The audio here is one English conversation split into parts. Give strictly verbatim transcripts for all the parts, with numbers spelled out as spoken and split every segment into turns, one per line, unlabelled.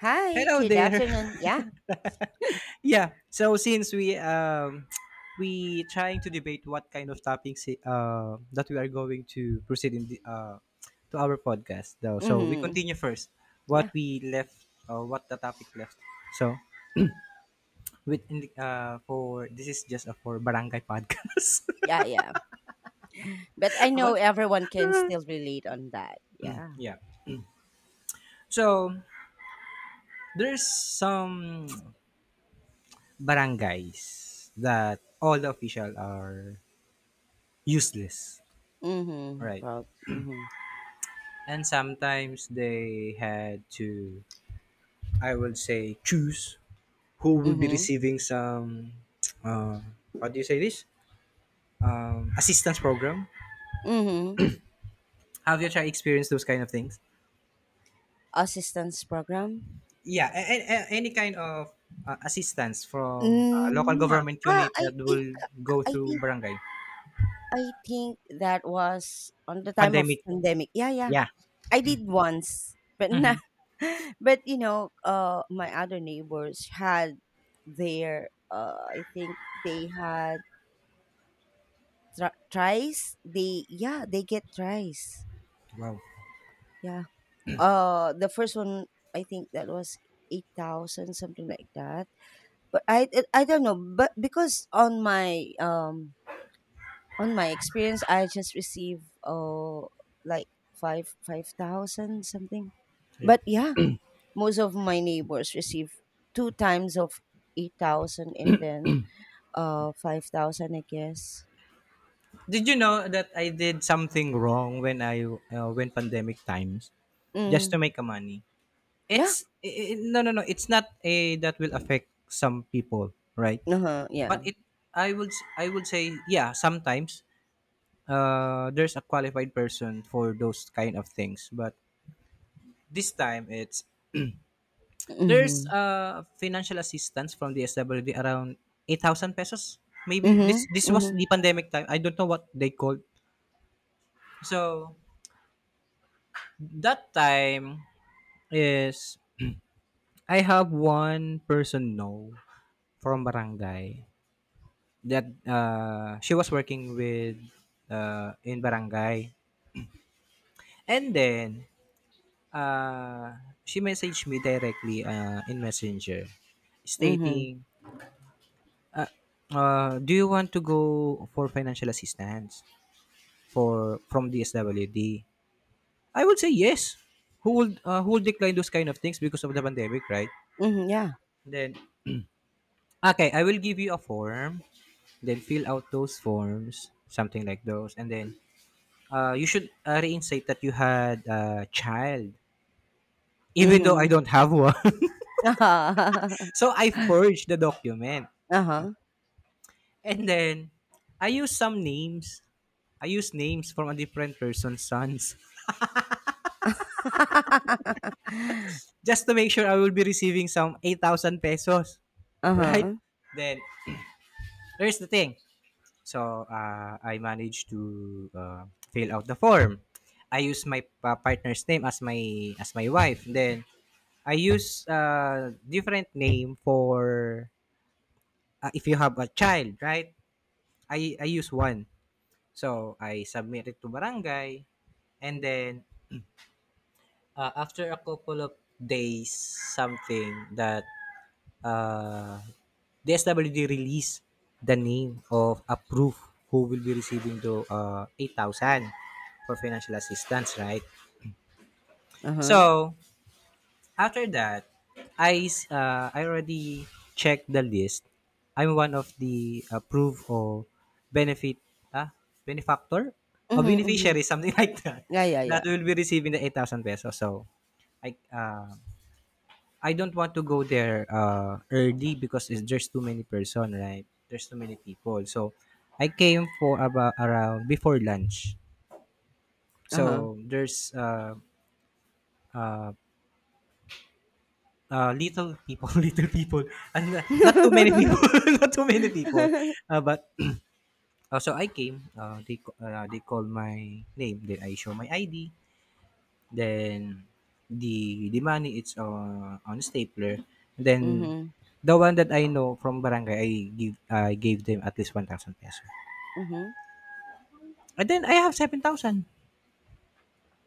Hi,
Hello
good
there.
afternoon. Yeah.
Yeah. So since we um we trying to debate what kind of topics, uh, that we are going to proceed in the, uh to our podcast though. So we
Mm-hmm.
continue first what
Yeah.
we left, or what the topic left. So with in the, uh for this is just a for barangay podcast.
Yeah, yeah. But I
Aba.
know everyone can
ah,
still relate on that. Yeah.
yeah. So there's some barangays that all the official are useless.
Mm-hmm.
Right.
Pro- mm-hmm.
And sometimes they had to, I would say, choose who will be
Mm-hmm.
receiving some, uh, how do you say this? Um, assistance program.
Mm-hmm.
Have you tried experience those kind of things?
Assistance program.
Yeah, and any kind of uh, assistance from, uh, local
Mm, yeah.
government
Ah,
unit
I
that
think.
will go
I
through
think
barangay.
I think that was on the time of
Pandemic.
pandemic. Yeah, yeah.
Yeah.
I did once, but nah.
Hmm.
But you know, uh, my other neighbors had their. Uh, I think they had tr- tries, they. Yeah. They get tries.
Wow.
Yeah. Uh the first one, I think that was eight thousand, something like that, but i i don't know. But because on my, um on my experience, I just received, uh like five five thousand something.
Yeah.
But yeah, most of my neighbors receive two times of eight thousand, and then uh five thousand, I guess.
Did you know that I did something wrong when I uh, when pandemic times, just to
mm
make a money?
yeah.
It's i- no, no, no, it's not a that will affect some people, right?
Uh-huh. Yeah.
But it, i would I would say, yeah, sometimes, uh there's a qualified person for those kind of things. But this time it's, there's
hmm
uh financial assistance from the S W D, around eight thousand pesos. Maybe this
Mhm,
this was
mhm,
the pandemic time. I don't know what they called. So that time is, I have one person know from barangay that, uh, she was working with, uh, in barangay. And then, uh, she messaged me directly, uh, in messenger,
mhm,
stating, uh, "Do you want to go for financial assistance for from DSWD?" I would say yes. Who would uh, who would decline those kind of things because of the pandemic, right?
mhm, yeah,
Then, okay, I will give you a form, then fill out those forms, something like those. And then, Uh, you should uh, reinstate that you had a child, even though I
mhm.
don't have one.
Uh-huh.
So I forged the document,
Uh-huh.
and then I used some names. I used names from a different person's sons. Just to make sure I will be receiving some eight thousand pesos, right?
Uh-huh,
Then there's the thing. So, uh, I managed to, uh, fill out the form. I use my pa- partner's name as my as my wife. Then I use, uh, different name for, uh, if you have a child, right? I I use one. So I submit it to barangay, and then, uh, after a couple of days, something that, uh D S W D release the name of a proof who will be receiving the uh eight thousand for financial assistance, right?
uh-huh.
So After that, I s- uh, I already checked the list. I'm one of the approved, or benefit, ah benefactor, or
Mhm, mhm.
beneficiary, something like that,
Yeah, yeah,
that
yeah.
will be receiving the eight thousand pesos. So I uh, I don't want to go there uh, early, because it's, there's too many person, right? There's too many people. So I came for about around before lunch.
Uh-huh.
So there's uh, uh, Uh, little people, little people, and uh, not too many people, not too many people. Uh, but, uh, so I came. Uh, they ca- uh, they called my name. Then I show my I D. Then the the money, it's uh, on stapler. Then
Mhm,
the one that I know from barangay, I give I gave them at least one thousand peso.
mhm.
And then I have seven thousand,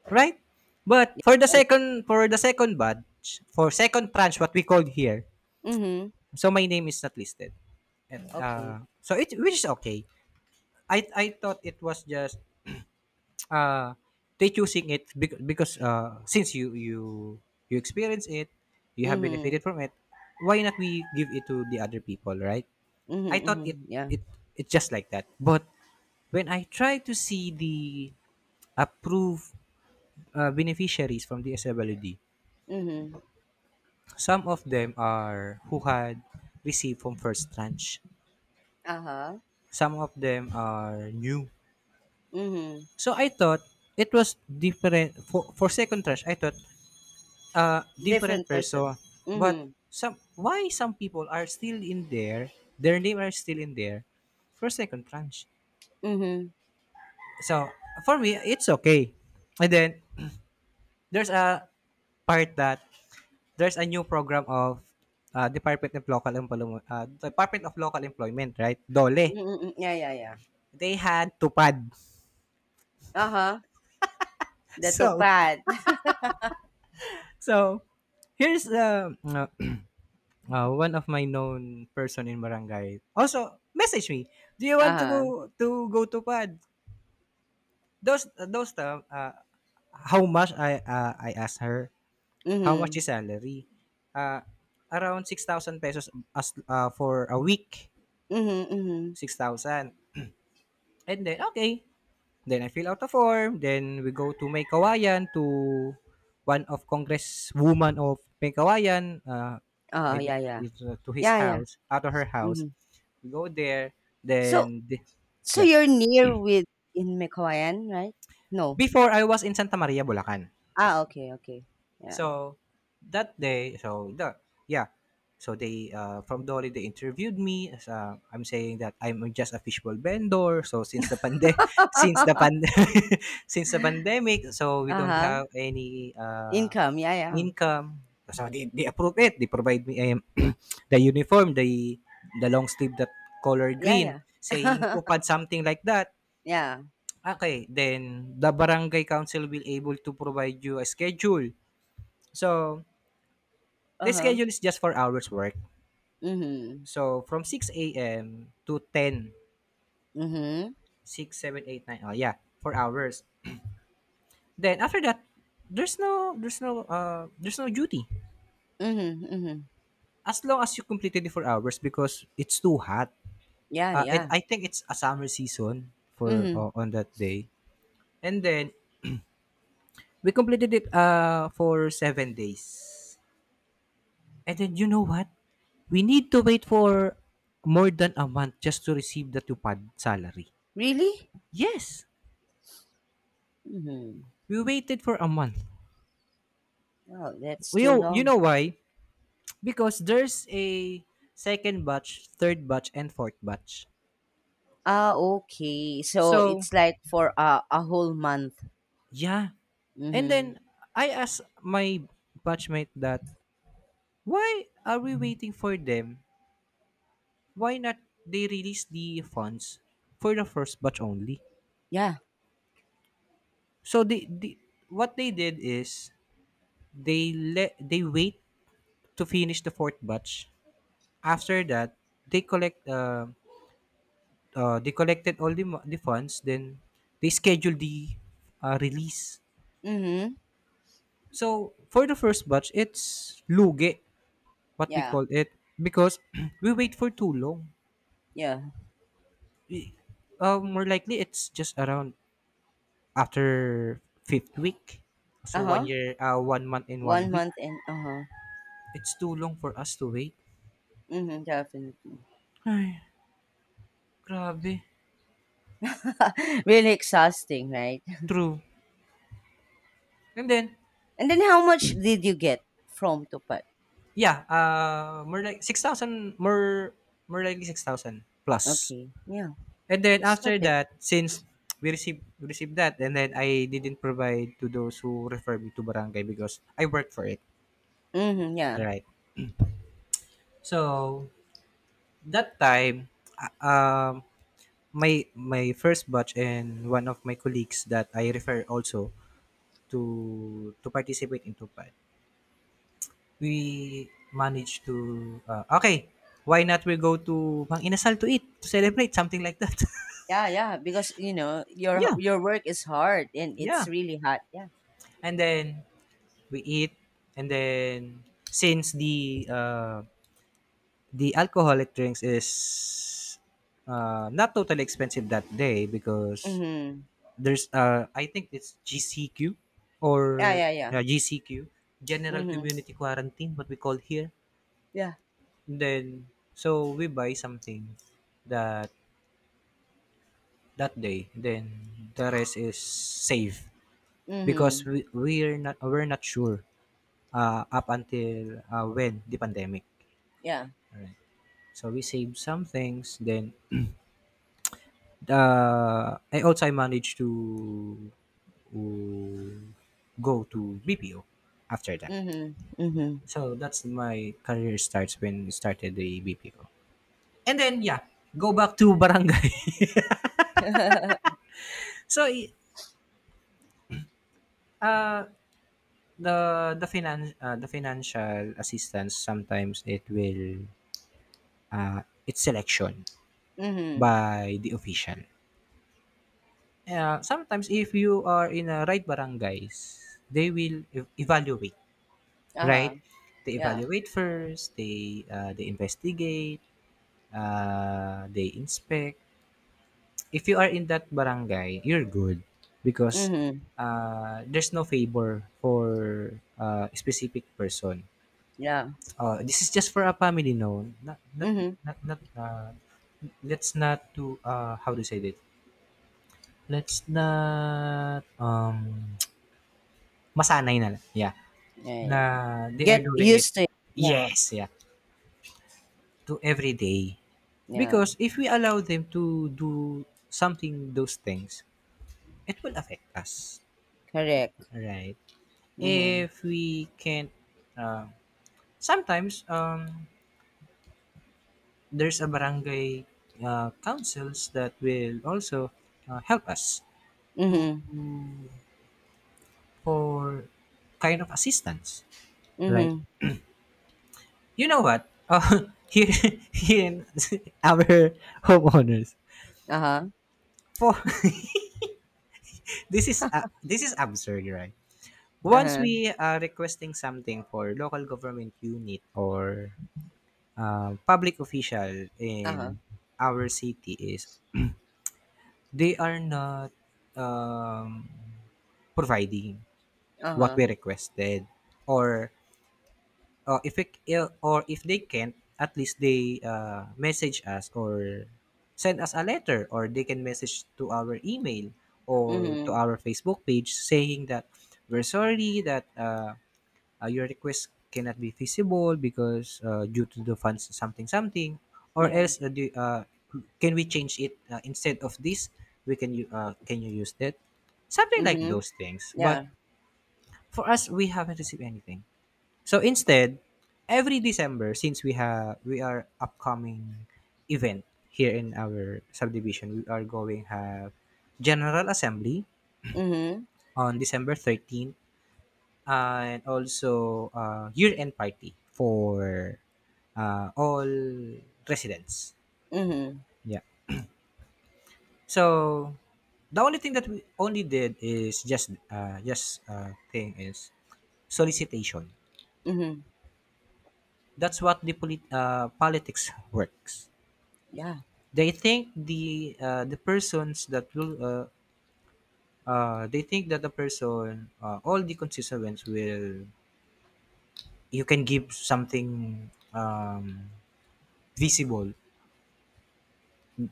right? But
Yeah,
for the
yeah.
second for the second batch, for second tranche, what we called here.
Mhm.
So my name is not listed. And, uh
Okay.
so it, which is okay. I I thought it was just, uh they choosing it, bec- because, uh since you you you experience it, you have benefited
Mhm,
from it. Why not we give it to the other people, right? I
mhm,
thought it
mhm. Yeah.
it it's just like that. But when I try to see the approved, uh, beneficiaries from the S W D,
Mhm.
some of them are who had received from first tranche.
Uh-huh.
Some of them are new.
Mhm.
So I thought it was different for for second trash. I thought, uh different
Different
person.
person.
But
Mhm,
some why some people are still in there, their name are still in there for second tranche.
mhm.
So for me, it's okay. And then there's a part that there's a new program of, uh, Department of Local Employment, uh, Department of Local Employment, right? Dole.
Mhm, mhm. Yeah, yeah, yeah.
They had tupad.
Uh-huh. The
So
tupad.
so here's uh, uh, Uh, one of my known person in barangay also message me, "Do you want to go
Uh-huh.
to go to PAD?" Those those time, uh, how much I uh, I asked her, "How much
Mhm.
is salary?" Uh, Around six thousand pesos as, uh, for a week,
Mhm, mhm.
six thousand. And then, okay, then I fill out a form. Then we go to May Kawayan to one of Congresswoman of May Kawayan. Uh, I
Oh
don't,
yeah, yeah.
it's, uh, to his
Yeah, yeah,
house, out of her house.
mhm.
We go there.
So
Then the,
so
yeah,
you're near with in Mickawayan, right? No.
before I was in Santa Maria, Bulacan.
Ah, okay, okay. Yeah.
So that day, so the, yeah, so they, uh, from Dolly, they interviewed me. As, uh, I'm saying that I'm just a fishbowl vendor. So since the pande since the pand since the pandemic, so we don't
Uh-huh.
have any. Uh,
Income, yeah, yeah.
income. So they, they approve it. They provide me, um, the uniform, the the long sleeve that color green,
Yeah,
saying
yeah.
tupad, something like that.
Yeah.
Okay, then the barangay council will able to provide you a schedule. So the
Uh-huh.
schedule is just four hours work.
Mhm.
So from six a m to ten,
Mhm.
six, seven, eight, nine, oh yeah, four hours. Then after that, there's no there's no uh there's no duty
Mhm, mhm.
as long as you completed the four hours, because it's too hot.
Yeah,
Uh, it
yeah.
I think it's a summer season for,
Mhm.
uh, on that day. And then we completed it uh for seven days. And then you know what? We need to wait for more than a month just to receive the tupad salary.
Really?
Yes,
Mhm.
we waited for a month.
Oh, that's
You
too
know, you
long.
know why? Because there's a second batch, third batch, and fourth batch.
Ah, okay. So
So,
it's like for a a whole month.
yeah, and
Mhm.
then I asked my batchmate that, why are we waiting for them, why not they release the funds for the first batch only?
Yeah.
So they, they what they did is, they let they wait to finish the fourth batch. After that they collect uh, uh, they collected all the, mo- the funds. Then they schedule the, uh, release.
Mhm.
So for the first batch, it's luge, what we
Yeah.
call it, because we wait for too long.
Yeah.
We- uh, More likely it's just around after fifth week. So one
Uh-huh.
year, uh, one month and one
one
week.
month, and uh-huh.
It's too long for us to wait.
Mhm, definitely.
Ay, grabe.
Really exhausting, right?
True. And then,
And then how much did you get from Tupat?
yeah, uh, more like six thousand, more, more likely six thousand plus.
Okay. Yeah.
And then
It's still
after
good.
that, since we received, we received that, and then I didn't provide to those who refer me to barangay, because I worked for it.
Mm-hmm, yeah.
Right. So, that time, uh, um, my my first batch and one of my colleagues that I refer also to to participate in TUPAD, we managed to, uh, "Okay, why not we go to Mang Inasal to eat, to celebrate," something like that.
Yeah, yeah, because you know, your
Yeah.
your work is hard and it's
Yeah,
really hot. Yeah.
and then we eat. And then since the, uh, the alcoholic drinks is, uh, not totally expensive that day, because
Mm-hmm.
there's uh I think it's G C Q,
Yeah,
or
yeah, yeah.
yeah, G C Q, General
Mm-hmm.
Community Quarantine, what we call here.
Yeah.
Then so we buy something that that day. Then the rest is safe, because
Mm-hmm.
we, we're not we're not sure, uh, up until, uh, when the pandemic.
Yeah.
Alright. So we save some things. Then, uh, I also I managed to, to go to B P O after that.
Mm-hmm. Mm-hmm.
So that's my career starts when I started the B P O. And then, yeah, go back to barangay. so i- uh, the the finan uh, the financial assistance sometimes it will, uh, it's selection
mm-hmm.
by the official. Uh, sometimes if you are in a right barangays, they will ev- evaluate, right?
Uh-huh.
They
Yeah.
evaluate first, they uh, they investigate, uh, they inspect. If you are in that barangay, you're good, because,
Mm-hmm.
uh, there's no favor for, uh, a specific person.
Yeah.
Uh, this is just for a family, no. Not, not,
Mm-hmm.
not, not. Uh, let's not to, uh, how to say it. Let's not um masanay na lang. Yeah,
Yeah,
na
yeah.
they are
Get
doing it.
used to it. Yeah.
Yes, yeah, to every day.
Yeah.
Because if we allow them to do something those things, it will affect us.
Correct.
Right.
Mm-hmm.
If we can't, uh, sometimes, um, there's a barangay, uh, councils that will also uh, help us to
Mhm,
for kind of assistance, right?
mhm,
You know what? Uh, here, here in our homeowners,
uh-huh,
for this is uh, this is absurd, right? Once
uh-huh,
we are requesting something for local government unit or uh, public official
uh-huh,
in our city is they are not, um, providing what
uh-huh,
we requested or, uh, if it or if they can't, at least they, uh, message us or send us a letter, or they can message to our email or to
mhm,
our Facebook page saying that, "We're sorry that, uh, uh, your request cannot be feasible because uh, due to the funds, something, something, or
yeah,
else uh, do, uh, can we change it, uh, instead of this, we can you uh, can you use that," something like
mhm,
those things.
yeah,
But for us, we haven't received anything. So instead, every december, since we have we are upcoming event here in our subdivision, we are going have general assembly
mhm,
on december thirteenth, and also uh, year-end party for uh, all residents.
mhm,
Yeah. So the only thing that we only did is just uh, just uh, thing is solicitation.
mhm,
That's what the polit- uh, politics works.
yeah,
They think the uh, the persons that will uh, uh, they think that the person, uh, all the constituents, will, you can give something, um, visible,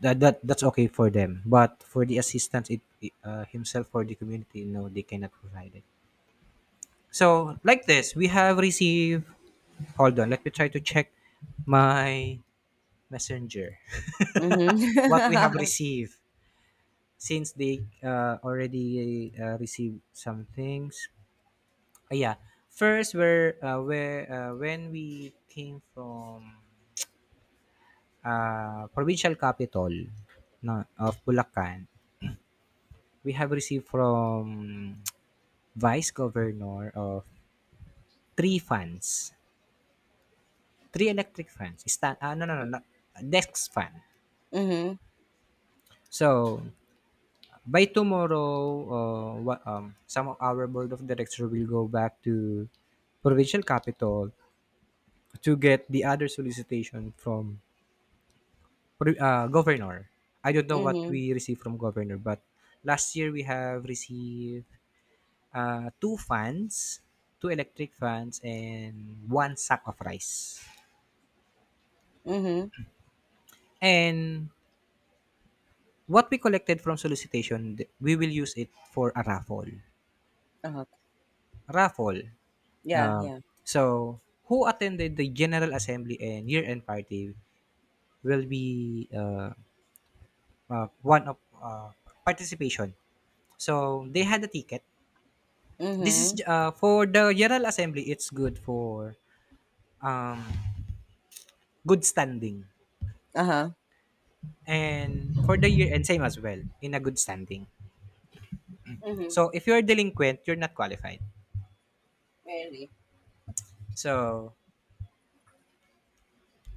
that, that that's okay for them. But for the assistance, it it, uh, himself for the community, no, they cannot provide it. So like this, we have received, hold on, let me try to check my messenger,
mhm,
what we have received since they uh, already uh, received some things. Ah, yeah, first where uh, where uh, when we came from uh, provincial capital, no, of Bulacan, we have received from Vice Governor of three fans, three electric fans. Sta- ah, no, no, no, not, Dex fan.
mhm,
So by tomorrow, uh, wha- um, some of our board of director will go back to provincial capital to get the other solicitation from pro- uh, governor. I don't know what
mhm,
we received from governor, but last year we have received Uh, two fans, two electric fans, and one sack of rice.
mhm,
And what we collected from solicitation, th- we will use it for a raffle.
uh-huh,
Raffle.
yeah,
Um,
yeah,
so, who attended the General Assembly and year-end party will be uh, uh, one of uh, participation. So, they had a ticket. This
mhm,
is uh, for the General Assembly, it's good for um, good standing.
uh-huh,
And for the year end, same as well, in a good standing.
mhm,
So if you're a delinquent, you're not qualified.
really,
So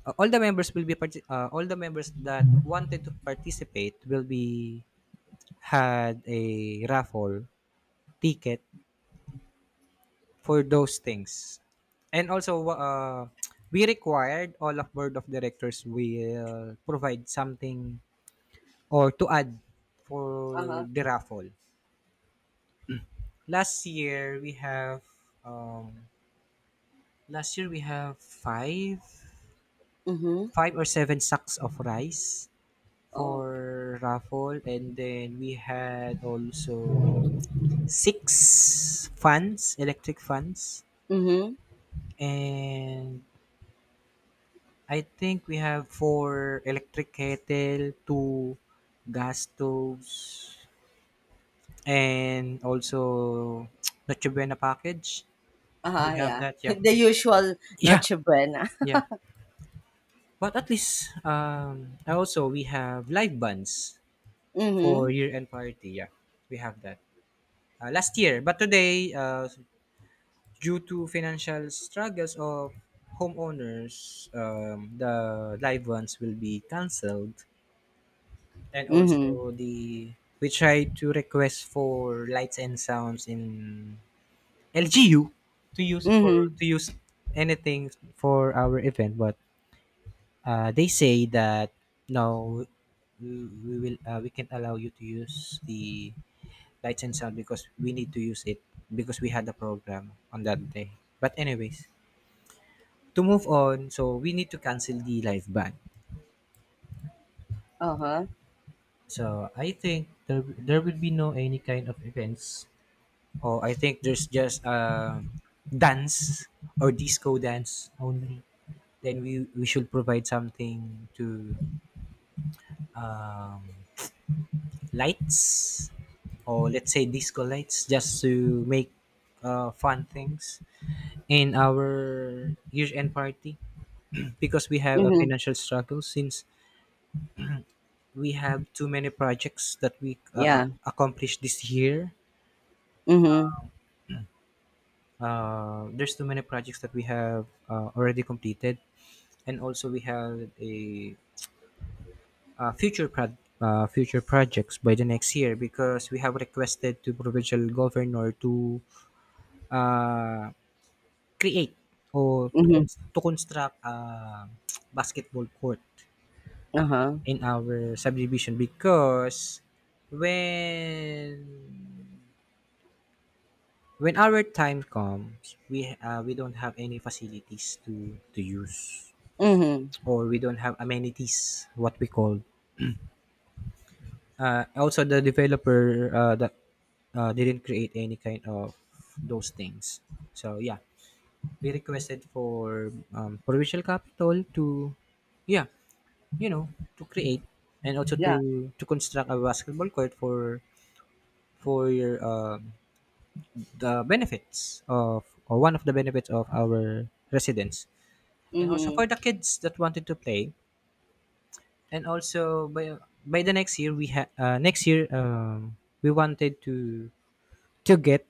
uh, all the members will be parti- uh, all the members that wanted to participate will be had a raffle ticket for those things. And also uh, we required all of board of directors will provide something or to add for
uh-huh,
the raffle. Last year we have um, Last year we have five,
mhm,
five or seven sacks of rice
oh,
for raffle, and then we had also six fans, electric fans,
mhm,
and I think we have four electric kettle, two gas stoves, and also Noche Buena package. We
uh-huh,
have
yeah,
that, yeah.
the usual
Yeah,
Noche Buena,
yeah. But at least um, also, we have live bands for
mhm,
year-end party. Yeah, we have that uh, last year. But today, uh, due to financial struggles of homeowners, um, the live ones will be cancelled. And
mhm,
also, the we try to request for lights and sounds in L G U to use for,
mhm,
to use anything for our event. But uh, they say that, "No, we, we will uh, we can't allow you to use the lights and sound because we need to use it, because we had a program on that day." But anyways, to move on, so we need to cancel the live band.
uh-huh,
So I think there there will be no any kind of events, or I think there's just um dance or disco dance only. Then we we should provide something to um lights, or let's say disco lights, just to make uh, fun things in our year end party, because we have a
mhm,
financial struggle since we have too many projects that we uh, uh,
yeah,
accomplished this year.
mhm,
Uh, there's too many projects that we have uh, already completed. And also we have a uh, future pro- uh, future projects by the next year, because we have requested to provincial governor to uh, create or to,
mhm,
cons- to construct a basketball court
uh-huh,
in our subdivision, because when when our time comes, we uh, we don't have any facilities to to use,
mhm,
or we don't have amenities, what we call. Uh, also the developer, uh, that uh, didn't create any kind of those things. So yeah, we requested for um, provincial capital to, yeah, you know, to create and also
yeah.
to to construct a basketball court for for your um, the benefits of, or one of the benefits of, our residents, and also
Mhm.
for the kids that wanted to play. And also by by the next year we had uh, next year, um, we wanted to to get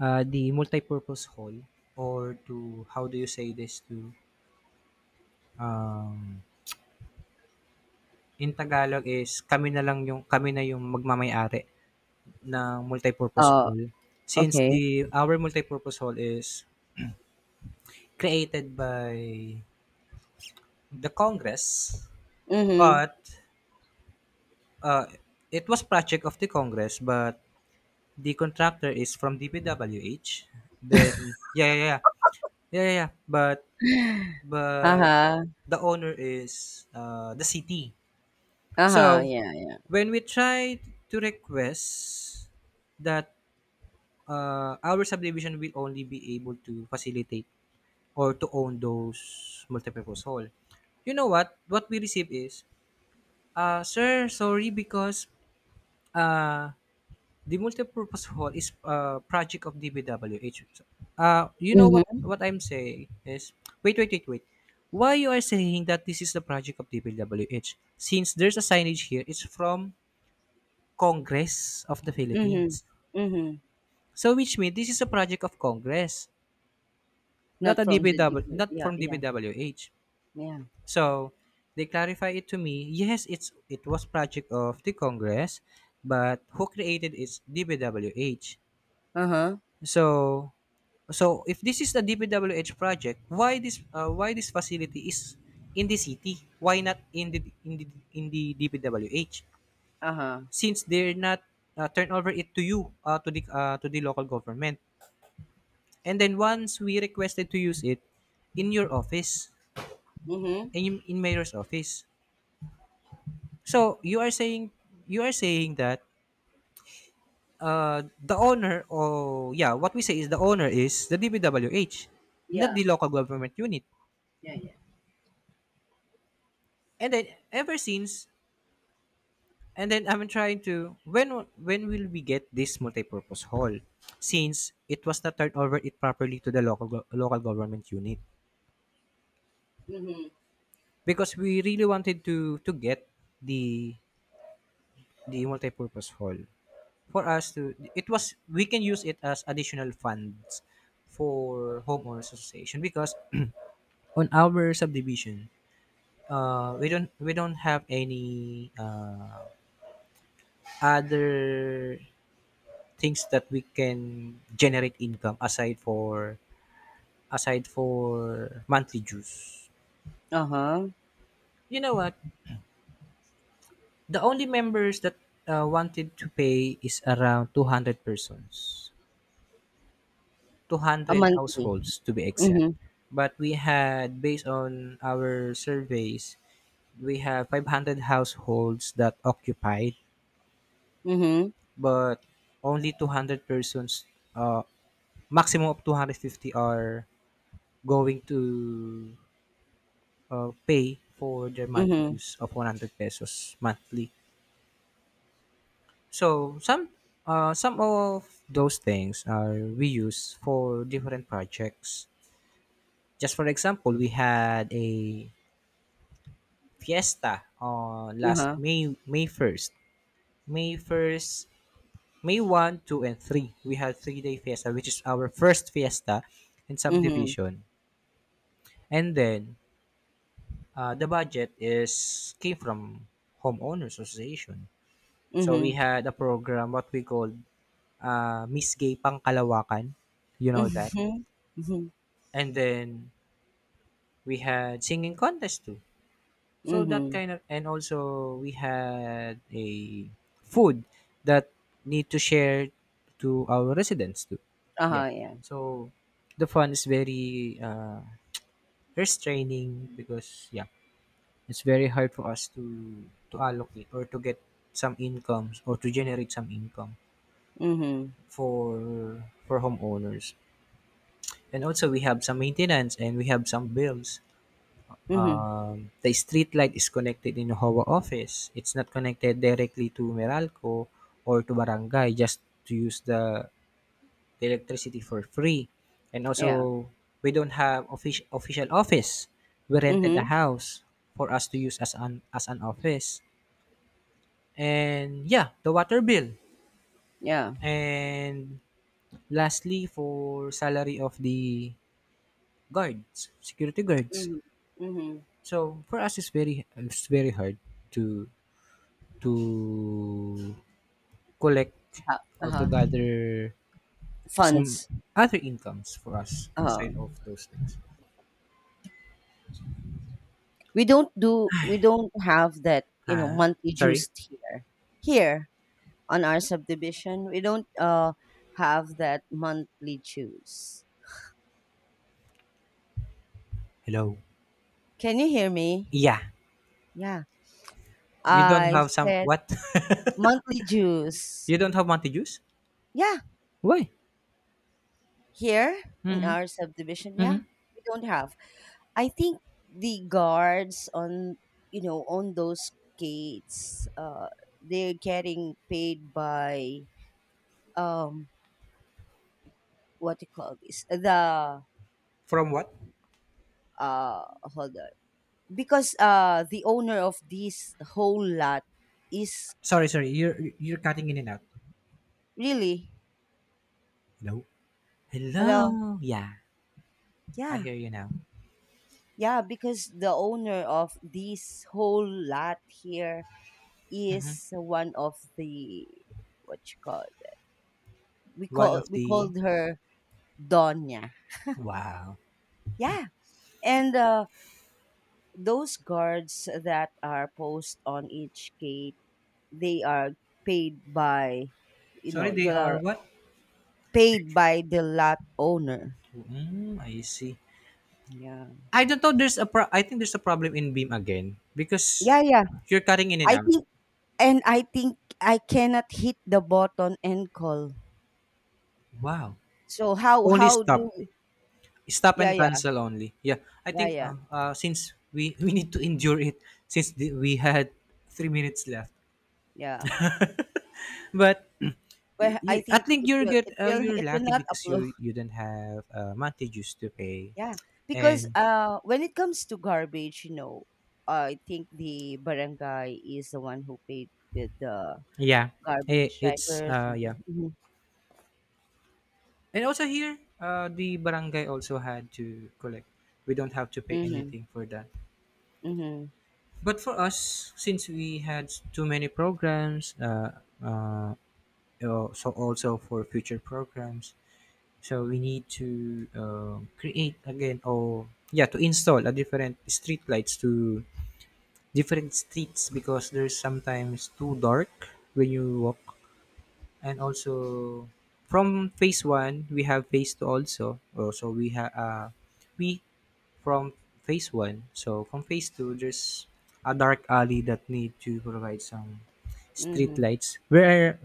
uh, the multi-purpose hall, or to, how do you say this, to um, in Tagalog is, kami na lang yung kami na yung magmamay-ari ng multi-purpose
Oh,
hall, since
okay.
the our multi-purpose hall is created by the Congress.
Mhm.
But uh, it was project of the Congress, but the contractor is from D P W H. Then yeah, yeah, yeah, yeah, yeah, yeah. But but
Uh-huh.
the owner is uh, the city.
Uh-huh.
So
Yeah, yeah.
when we tried to request that uh, our subdivision will only be able to facilitate or to own those multipurpose hall, you know what? What we receive is, uh, Sir, sorry, because uh, the multipurpose hall is a project of D B W H" Uh, you know what
Mhm.
what I'm saying is, wait, wait, wait, wait. Why you are saying that this is the project of D B W H? Since there's a signage here, it's from Congress of the
Mhm.
Philippines.
Mhm.
So which means this is a project of Congress, not
Not
a
from the
D B W,
D P.
not
Yeah,
from
yeah,
D B W H.
yeah.
So they clarify it to me. Yes, it's, it was project of the Congress, but who created it's D B W H.
Uh-huh.
So, so if this is the D P W H project, why this uh, why this facility is in the city? Why not in the in the in the D P W H?
Uh-huh.
Since they're not uh, turn over it to you, uh, to the uh, to the local government. And then once we requested to use it in your office,
Mhm.
in in mayor's office. So you are saying, you are saying that uh, the owner, or yeah, what we say is the owner is the D P W H, not
Yeah,
the local government unit.
yeah, yeah.
And then ever since, and then I'm trying to, when when will we get this multi-purpose hall, since it was not turned over it properly to the local go- local government unit,
Mhm.
because we really wanted to to get the the multi-purpose hall, for us to, it was we can use it as additional funds for homeowners association. Because on our subdivision, uh we don't we don't have any uh other things that we can generate income aside for, aside for monthly dues.
Uh-huh.
You know what? The only members that uh, wanted to pay is around two hundred persons,
A
two hundred
monthly.
households to be exact.
Mhm.
But we had, based on our surveys, we have five hundred households that occupied,
Mhm.
but only two hundred persons, uh, maximum of two hundred fifty, are going to uh, pay for their monthly
Mhm.
use of one hundred pesos monthly. So some uh, some of those things are we use for different projects. Just for example, we had a fiesta on last
Uh-huh.
May May first. May first, May first, two and three. We had three-day fiesta, which is our first fiesta in
Mhm.
subdivision. And then uh, the budget is came from homeowners association. So we
Mhm.
had a program, what we called, uh, Miss Gay Pangkalawakan. You know that.
Mhm. Mhm.
And then we had singing contest too. So that
Mhm.
kind of, and also we had a food that need to share to our residents too. Yeah.
Uh-huh. Yeah.
So the fun is very uh, restraining, because yeah, it's very hard for us to to allocate or to get some incomes, or to generate some income
Mhm.
for for homeowners. And also we have some maintenance and we have some bills.
Mhm.
Um, the street light is connected in Hawa office, it's not connected directly to Meralco or to barangay, just to use the, the electricity for free. And
Yeah.
also we don't have offic- official office, we rented a
Mm-hmm.
house for us to use as an as an office. And yeah, the water bill,
Yeah.
and lastly, for salary of the guards, security guards.
Mhm. Mhm.
So for us, it's very, it's very hard to to collect
Uh-huh.
or to
Uh-huh.
gather some
Funds.
other incomes for us
Uh-huh.
aside of those things.
we don't do we don't have that, you know
Huh?
monthly
Sorry.
juice here. Here on our subdivision we don't uh have that monthly juice.
Hello.
Can you hear me?
Yeah.
Yeah,
You don't
I
have some
said
what?
monthly juice.
You don't have Monte juice?
Yeah,
Why?
here in
Mm-hmm.
our subdivision,
Mm-hmm.
yeah, we don't have. I think the guards on, you know on those gates, uh they're getting paid by, um what do you call this, the,
From what?
uh hold on, because, uh the owner of this whole lot is,
Sorry, sorry. You're you're cutting in and out.
really.
Hello.
Hello.
Hello. Yeah, I
Yeah,
hear you now.
yeah, because the owner of this whole lot here
Hmm.
is one of the, what you call, we
One
call
of
we
the,
called her Donya.
wow.
Yeah. And, uh those guards that are posted on each gate, they are paid by, you
Sorry,
know
they are
the,
what?
paid by the lot owner.
Mm, I see.
Yeah.
I don't know, there's a pro, I think there's a problem in beam again, because
Yeah, yeah.
you're cutting in and
I
out.
think and I think I cannot hit the button and call.
Wow.
So, how
Only
how
stop.
do.
Stop
Yeah,
and
yeah.
cancel only. Yeah. I
Yeah,
think
yeah.
uh, uh since we we need to endure it, since the, we had three minutes left.
Yeah.
But you,
Well,
you
I
I
think
think
it
you're
will
get
it
uh,
will
you're
it will
lucky,
not
because
upload.
you you don't have uh monthly dues to pay.
Yeah. Because,
And
uh when it comes to garbage, you know, I think the barangay is the one who paid with the
yeah, it,
garbage
it's
driver or
uh yeah.
something. Mhm.
And also here, uh, the barangay also had to collect. We don't have to pay
Mhm.
anything for that.
Mhm.
But for us, since we had too many programs, uh, uh, uh, so also for future programs, so we need to uh, create again, or yeah, to install a different street lights to different streets, because there's sometimes too dark when you walk. And also from phase one, we have phase two also. Oh, so we have uh, we from phase one. So from phase two, there's a dark alley that need to provide some street
Mhm.
lights. Where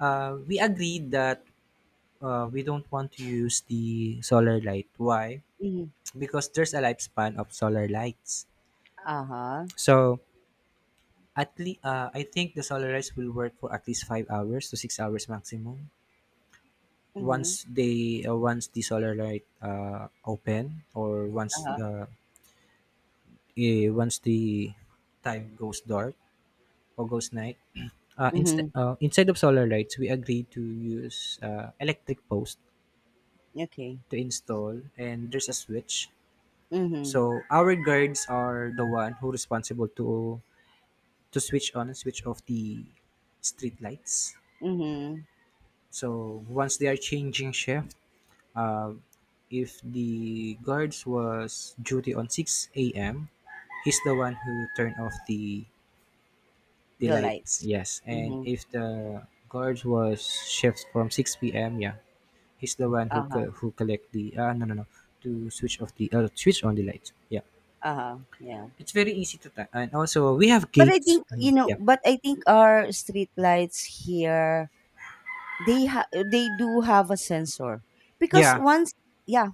uh, we agreed that uh, we don't want to use the solar light. Why?
Mhm.
Because there's a lifespan of solar lights.
Uh-huh.
So at least uh, I think the solar lights will work for at least five hours to six hours maximum.
Mhm.
Once they uh, once the solar light uh, open, or once
Uh-huh.
the, eh, once the time goes dark or goes night, uh, inst-
Mhm.
uh, inside of solar lights, we agreed to use uh, electric post
Okay.
to install, and there's a switch.
Mm-hmm.
So our guards are the one who responsible to to switch on and switch off the street lights.
Mm-hmm.
So once they are changing shift, uh, if the guards was duty on six a m, he's the one who turned off the the
The
lights.
lights.
Yes, and
Mhm.
if the guards was shift from six p m, yeah, he's the one who
Uh-huh.
co- who collect the uh, no, no, no, to switch off the, uh, switch on the lights. Yeah,
Uh-huh. Yeah.
it's very easy to time. And also we have
But I
gates.
think, you
Mhm. Yeah,
know, but I think our street lights here, they ha- they do have a sensor. Because
yeah,
once, yeah,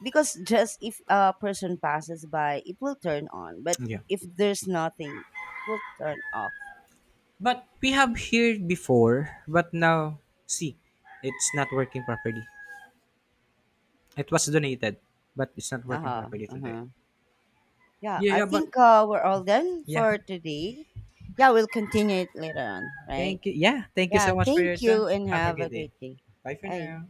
because just if a person passes by, it will turn on. But
yeah.
if there's nothing, it will turn off.
But we have here before, but now see, it's not working properly. It was donated, but it's not working
Uh-huh.
properly today.
Uh-huh. Yeah,
Yeah,
I
yeah, but
think, uh, we're all done
yeah.
for today. Yeah, we'll continue it later on, right?
Thank you. Yeah, thank you
Yeah,
so much for your
thank
time.
you and
Have a
have
good
a
day.
great day.
Bye for
Bye.
now.